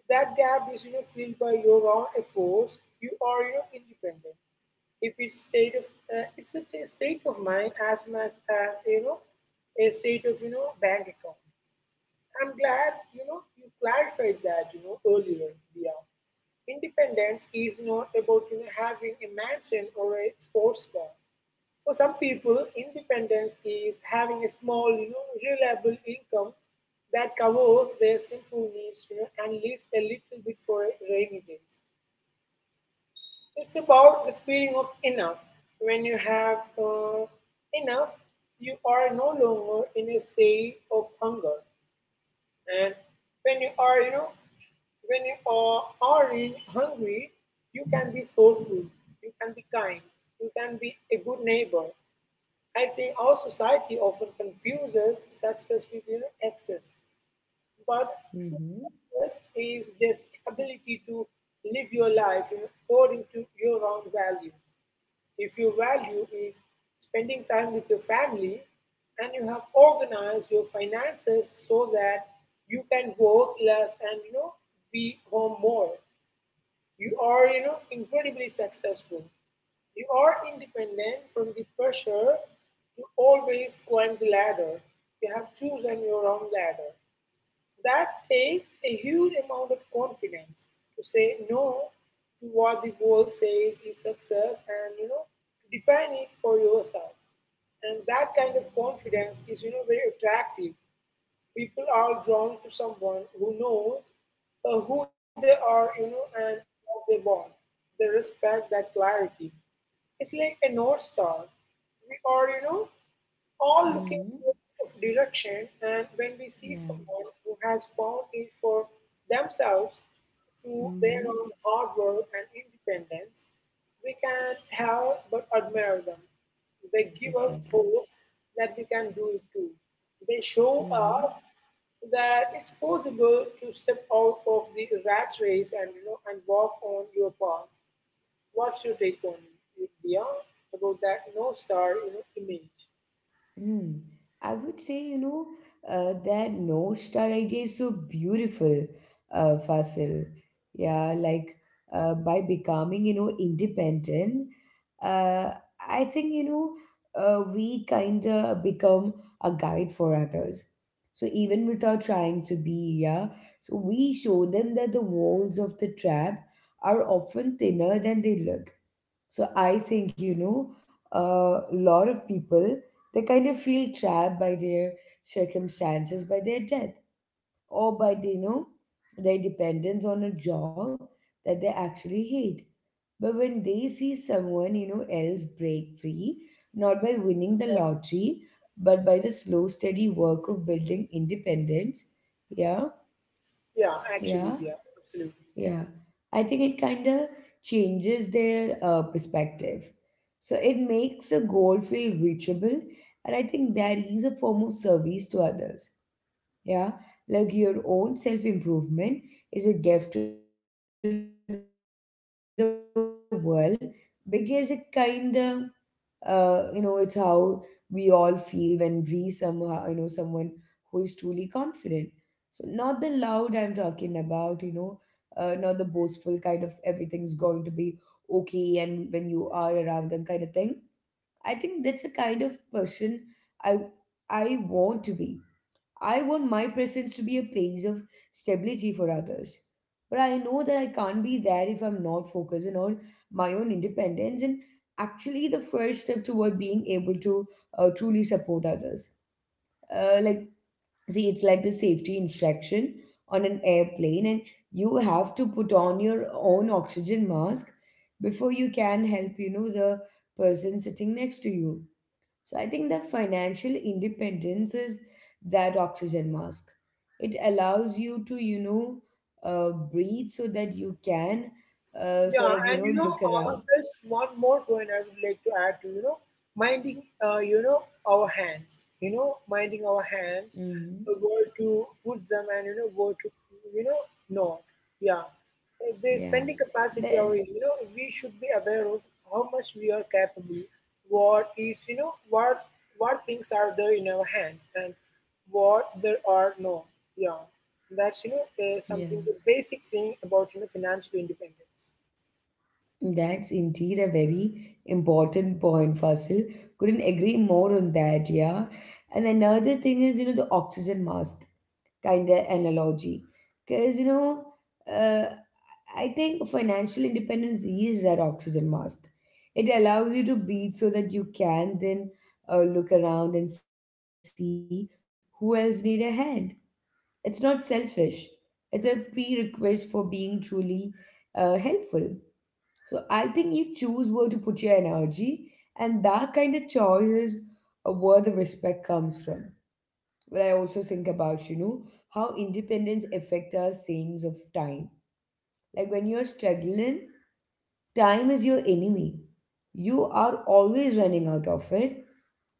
[SPEAKER 2] If that gap is filled by your own efforts, you are independent. If it's state of it's such a state of mind as much as a state of bank account. I'm glad you clarified that earlier. Yeah, independence is not about having a mansion or a sports car. For some people, independence is having a small, reliable income that covers their simple needs, and leaves a little bit for rainy days. It's about the feeling of enough. When you have enough, you are no longer in a state of hunger. And when you are, are in hungry, you can be thoughtful, you can be kind, you can be a good neighbor. I think our society often confuses success with access. But true
[SPEAKER 1] Mm-hmm.
[SPEAKER 2] success is just the ability to live your life according to your own value. If your value is spending time with your family and you have organized your finances so that you can work less and be home more, you are, incredibly successful. You are independent from the pressure to always climb the ladder. You have chosen your own ladder. That takes a huge amount of confidence to say no to what the world says is success and, to define it for yourself. And that kind of confidence is, very attractive. People are drawn to someone who knows who they are, and what they want. They respect that clarity. It's like a north star. We are, all looking
[SPEAKER 1] Mm-hmm.
[SPEAKER 2] for of direction, and when we see
[SPEAKER 1] Yeah.
[SPEAKER 2] someone who has found it for themselves through their
[SPEAKER 1] Mm-hmm.
[SPEAKER 2] own hard work and independence, we can not help but admire them. They give us
[SPEAKER 1] Exactly.
[SPEAKER 2] hope that we can do it too. They show
[SPEAKER 1] Mm-hmm.
[SPEAKER 2] us that it's possible to step out of the rat race and and walk on your path. What's your take on it, Dia, about that no star image?
[SPEAKER 1] Hmm. I would say, you know, that North Star idea is so beautiful, Fasil. Yeah, like, by becoming, you know, independent, uh, I think, you know, we kind of become a guide for others. So even without trying to be, yeah, so we show them that the walls of the trap are often thinner than they look. So I think, you know, a lot of people, they kind of feel trapped by their circumstances, by their death, or by, you know, their dependence on a job that they actually hate. But when they see someone, you know, else break free, not by winning the lottery, but by the slow, steady work of building independence, yeah,
[SPEAKER 2] Yeah, actually,
[SPEAKER 1] yeah,
[SPEAKER 2] yeah, absolutely.
[SPEAKER 1] yeah, I think it kind of changes their perspective. So it makes a goal feel reachable, and I think that is a form of service to others. Yeah, like your own self improvement is a gift to the world, because it kind of you know, it's how we all feel when we somehow, you know, someone who is truly confident. So, not the loud, I'm talking about, you know, not the boastful kind of everything's going to be okay and when you are around them kind of thing. I think that's a kind of person i I want to be. I want my presence to be a place of stability for others. But I know that I can't be there if I'm not focusing on my own independence, and actually the first step toward being able to truly support others. Like, see, it's like the safety instruction on an airplane, and you have to put on your own oxygen mask before you can help, you know, the person sitting next to you. So I think that financial independence is that oxygen mask. It allows you to, you know, breathe so that you can sort
[SPEAKER 2] Yeah,
[SPEAKER 1] of, you
[SPEAKER 2] and
[SPEAKER 1] know, look around.
[SPEAKER 2] there's one more point I would like to add to, minding, our hands,
[SPEAKER 1] Hmm.
[SPEAKER 2] where to put them and, where to, you know, not. Yeah. The
[SPEAKER 1] Yeah.
[SPEAKER 2] spending capacity, or,
[SPEAKER 1] That,
[SPEAKER 2] we should be aware of how much we are capable, what is, you know, what things are there in our hands and what there are no. Yeah. That's,
[SPEAKER 1] yeah.
[SPEAKER 2] something, the basic thing about, financial independence.
[SPEAKER 1] That's indeed a very important point, Fasil. Couldn't agree more on that, yeah. And another thing is, you know, the oxygen mask kind of analogy. Because, you know, uh, I think financial independence is that oxygen mask. It allows you to breathe so that you can then look around and see who else need a hand. It's not selfish. It's a prerequisite for being truly helpful. So I think you choose where to put your energy, and that kind of choice is where the respect comes from. But I also think about, you know, how independence affects our sense of time. Like, when you're struggling, time is your enemy. You are always running out of it,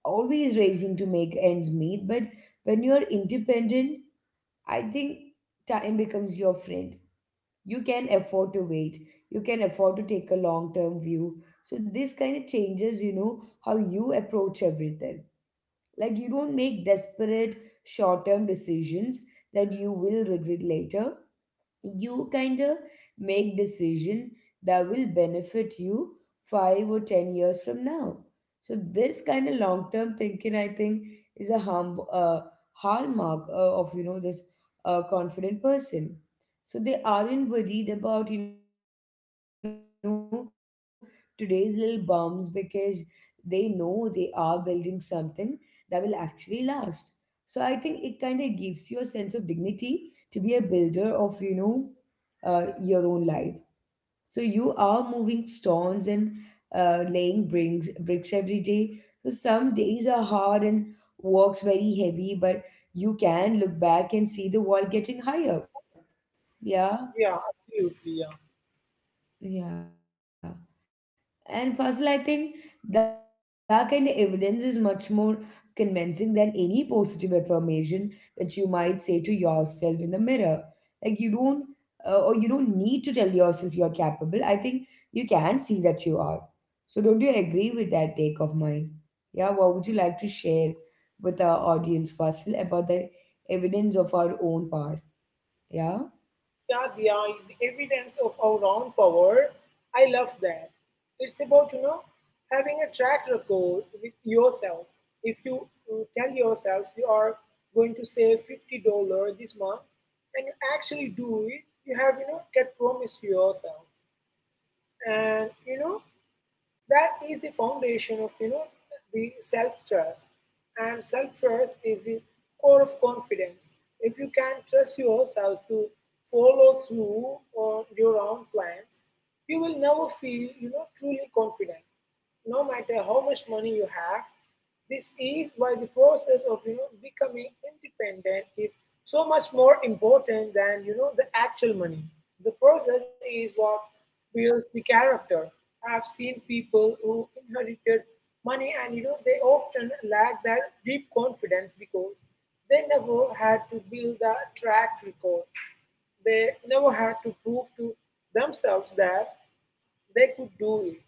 [SPEAKER 1] always racing to make ends meet. But when you are independent, I think time becomes your friend. You can afford to wait, you can afford to take a long term view. So, this kind of changes, you know, how you approach everything. Like, you don't make desperate short term decisions that you will regret later. You kind of make decision that will benefit you 5 or 10 years from now. So this kind of long term thinking, I think, is a harm hallmark of, you know, this confident person. So they aren't worried about, you know, today's little bumps because they know they are building something that will actually last. So I think it kind of gives you a sense of dignity to be a builder of, you know, your own life. So you are moving stones and laying bricks every day. So some days are hard and works very heavy, but you can look back and see the wall getting higher.
[SPEAKER 2] Yeah, absolutely.
[SPEAKER 1] Yeah.
[SPEAKER 2] Yeah,
[SPEAKER 1] Yeah. And Fazil, I think that kind of evidence is much more convincing than any positive affirmation that you might say to yourself in the mirror. Like you don't need to tell yourself you're capable. I think you can see that you are. So don't you agree with that take of mine? Yeah. What would you like to share with our audience, Fazil, about the evidence of our own power?
[SPEAKER 2] yeah the,
[SPEAKER 1] Yeah.
[SPEAKER 2] uh, the evidence of our own power. I love that. It's about having a track record with yourself. If you tell yourself you are going to save $50 this month, and you actually do it, you have kept promise to yourself, and that is the foundation of the self trust, and self trust is the core of confidence. If you can trust yourself to follow through on your own plans, you will never feel truly confident, no matter how much money you have. This is why the process of becoming independent is so much more important than the actual money. The process is what builds the character. I've seen people who inherited money, and they often lack that deep confidence because they never had to build a track record. They never had to prove to themselves that they could do it.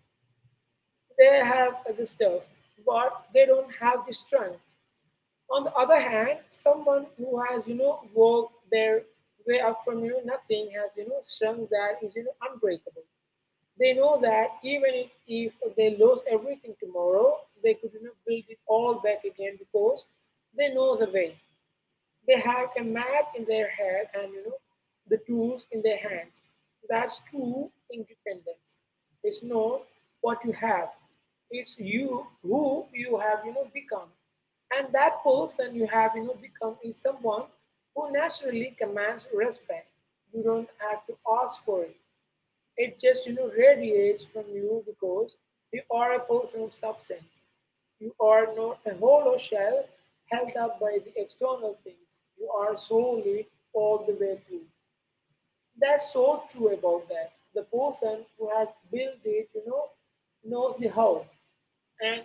[SPEAKER 2] They have the stuff, but they don't have the strength. On the other hand, someone who has worked their way up from nothing has strength that is unbreakable. They know that even if they lose everything tomorrow, they could build it all back again because they know the way. They have a map in their head, and the tools in their hands. That's true independence. It's not what you have. It's you who you have become. And that person you have become is someone who naturally commands respect. You don't have to ask for it. It just radiates from you because you are a person of substance. You are not a hollow shell held up by the external things. You are solely all the way through. That's so true about that. The person who has built it, knows the how. And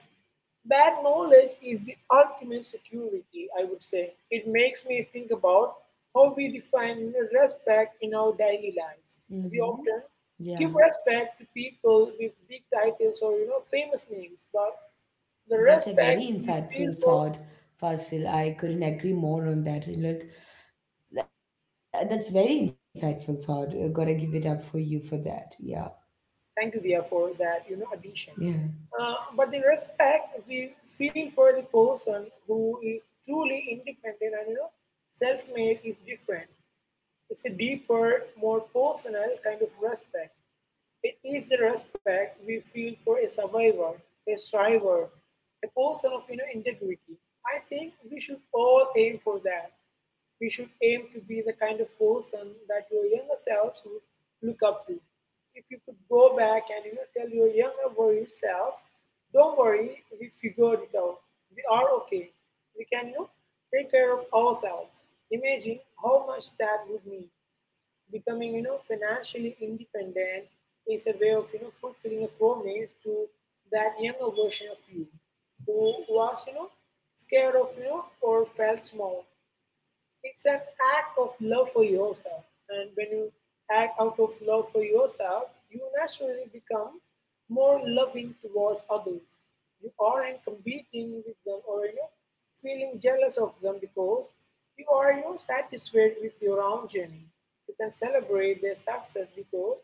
[SPEAKER 2] that knowledge is the ultimate security, I would say. It makes me think about how we define, respect in our daily lives. We often
[SPEAKER 1] Mm-hmm.
[SPEAKER 2] give respect to
[SPEAKER 1] Yeah.
[SPEAKER 2] people with big titles or famous names, but the respect we
[SPEAKER 1] That's a very
[SPEAKER 2] feel for.
[SPEAKER 1] insightful thought, Fasil. I couldn't agree more on that. Look, that's very insightful thought. Gotta give it up for you for that. Yeah,
[SPEAKER 2] Thank you, dear, for that addition.
[SPEAKER 1] yeah.
[SPEAKER 2] But the respect we feel for the person who is truly independent and self-made is different. It's a deeper, more personal kind of respect. It is the respect we feel for a survivor, a striver, a person of, integrity. I think we should all aim for that. We should aim to be the kind of person that your younger selves would look up to. If you could go back and, tell your younger worried self, don't worry, we figured it out. We are okay. We can, take care of ourselves. Imagine how much that would mean. Becoming, financially independent is a way of, fulfilling a promise to that younger version of you who was, scared of, or felt small. It's an act of love for yourself. And when you act out of love for yourself, you naturally become more loving towards others. You aren't competing with them or, feeling jealous of them because you are, satisfied with your own journey. You can celebrate their success because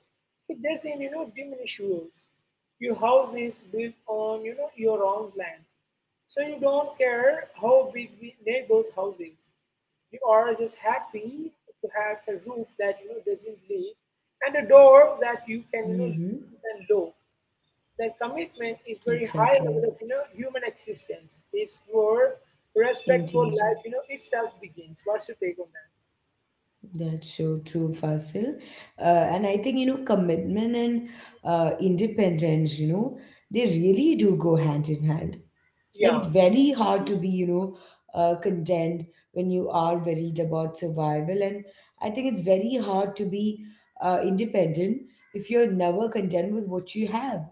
[SPEAKER 2] it doesn't diminish yours. Your house is built on your own land. So you don't care how big the neighbor's house is. You are just happy to have a roof that doesn't leak and a door that
[SPEAKER 1] Mm-hmm.
[SPEAKER 2] you can lock. That commitment is very high
[SPEAKER 1] Exactly.
[SPEAKER 2] level of human existence. It's where respect for
[SPEAKER 1] Indeed.
[SPEAKER 2] life itself begins. What's your take on that?
[SPEAKER 1] That's so true, Fasil. Uh, and I think, you know, commitment and independence, you know, they really do go hand in hand. Like
[SPEAKER 2] Yeah.
[SPEAKER 1] it's very hard to be, you know, content when you are worried about survival, and I think it's very hard to be independent if you're never content with what you have.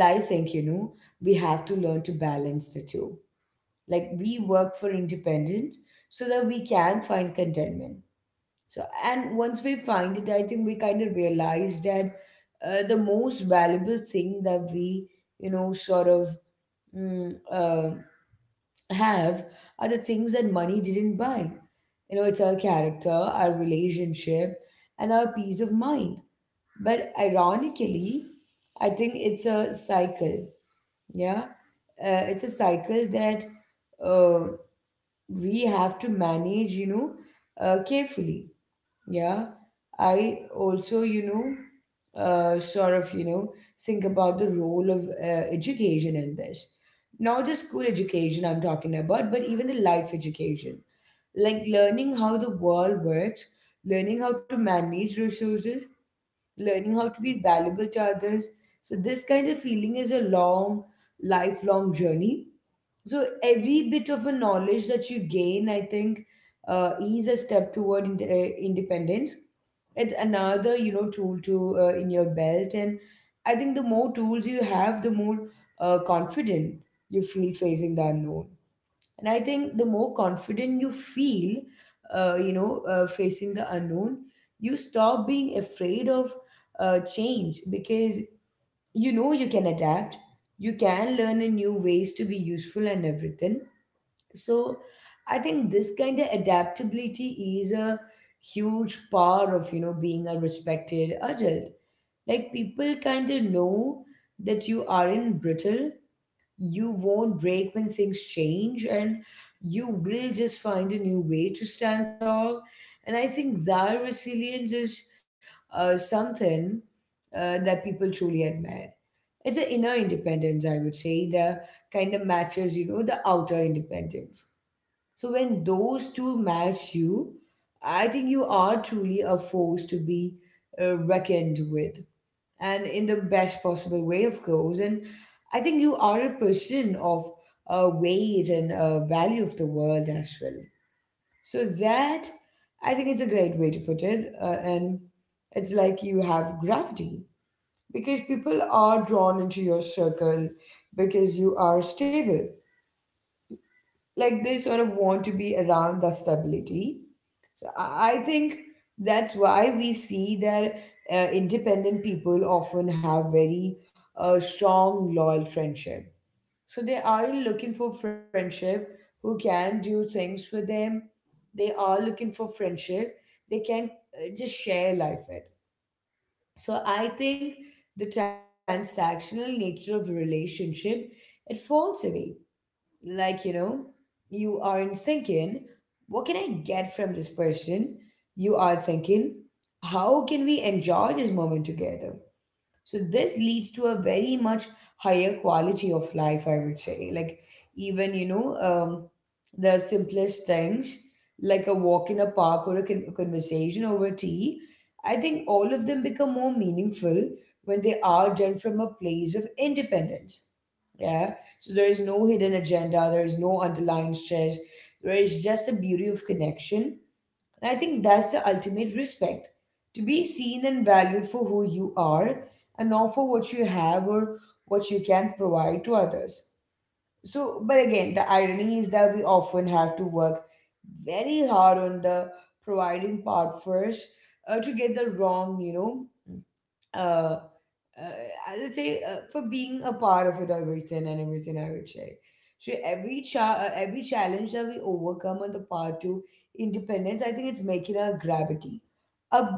[SPEAKER 1] Well, I think, you know, we have to learn to balance the two. Like we work for independence so that we can find contentment. So and once we find it, I think we kind of realize that the most valuable thing that we, you know, mm, uh, have are the things that money didn't buy. You know, it's our character, our relationship, and our peace of mind. But ironically, I think it's a cycle. Yeah. It's a cycle that uh, we have to manage, you know, carefully. Yeah, I also, you know, sort of, you know, think about the role of education in this. Not just school education I'm talking about, but even the life education. Like learning how the world works, learning how to manage resources, learning how to be valuable to others. So, this kind of feeling is a long, lifelong journey. So, every bit of a knowledge that you gain, I think, is a step toward independence. It's another, you know, tool to in your belt, and I think the more tools you have, the more confident you feel facing the unknown. And I think the more confident you feel, facing the unknown, you stop being afraid of change because you know you can adapt, you can learn in new ways to be useful and everything. So I think this kind of adaptability is a huge part of, you know, being a respected adult. Like people kind of know that you aren't brittle, you won't break when things change, and you will just find a new way to stand tall. And I think that resilience is something that people truly admire. It's an inner independence, I would say, that kind of matches, you know, the outer independence. So when those two match you, I think you are truly a force to be reckoned with, and in the best possible way, of course. And I think you are a person of weight and value of the world as well. So that, I think it's a great way to put it, and it's like you have gravity because people are drawn into your circle because you are stable. Like they sort of want to be around the stability. So I think that's why we see that independent people often have very strong, loyal friendship. So they are looking for friendship who can do things for them. They are looking for friendship they can just share life with. So I think the transactional nature of relationship, it falls away. Like, you know, you aren't thinking what can I get from this person, you are thinking how can we enjoy this moment together. So this leads to a very much higher quality of life, I would say. Like even, you know, the simplest things like a walk in a park or a conversation over tea, I think all of them become more meaningful when they are done from a place of independence. Yeah. So there is no hidden agenda, there is no underlying stress, there is just the beauty of connection. And I think that's the ultimate respect, to be seen and valued for who you are and not for what you have or what you can provide to others. So, but again, the irony is that we often have to work very hard on the providing part first to get the wrong, you know, uh, uh, I would say for being a part of it, everything and everything. I would say so. Every challenge that we overcome on the path to independence, I think it's making our gravity a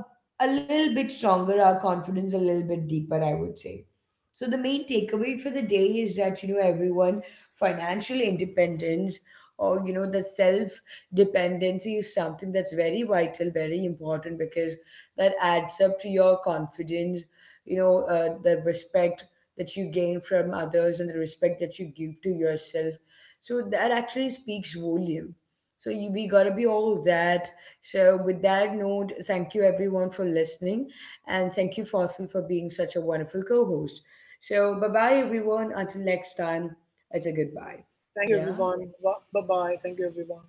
[SPEAKER 1] a little bit stronger, our confidence a little bit deeper, I would say. So the main takeaway for the day is that, you know, everyone, financial independence or, you know, the self dependency is something that's very vital, very important because that adds up to your confidence, you know, the respect that you gain from others and the respect that you give to yourself. So that actually speaks volume. So you, we gotta be all that. So with that note, thank you everyone for listening, and thank you Fossil for being such a wonderful co-host. So bye bye everyone until next time. It's a goodbye.
[SPEAKER 2] Thank you,
[SPEAKER 1] Yeah.
[SPEAKER 2] everyone. Bye bye. Thank you, everyone.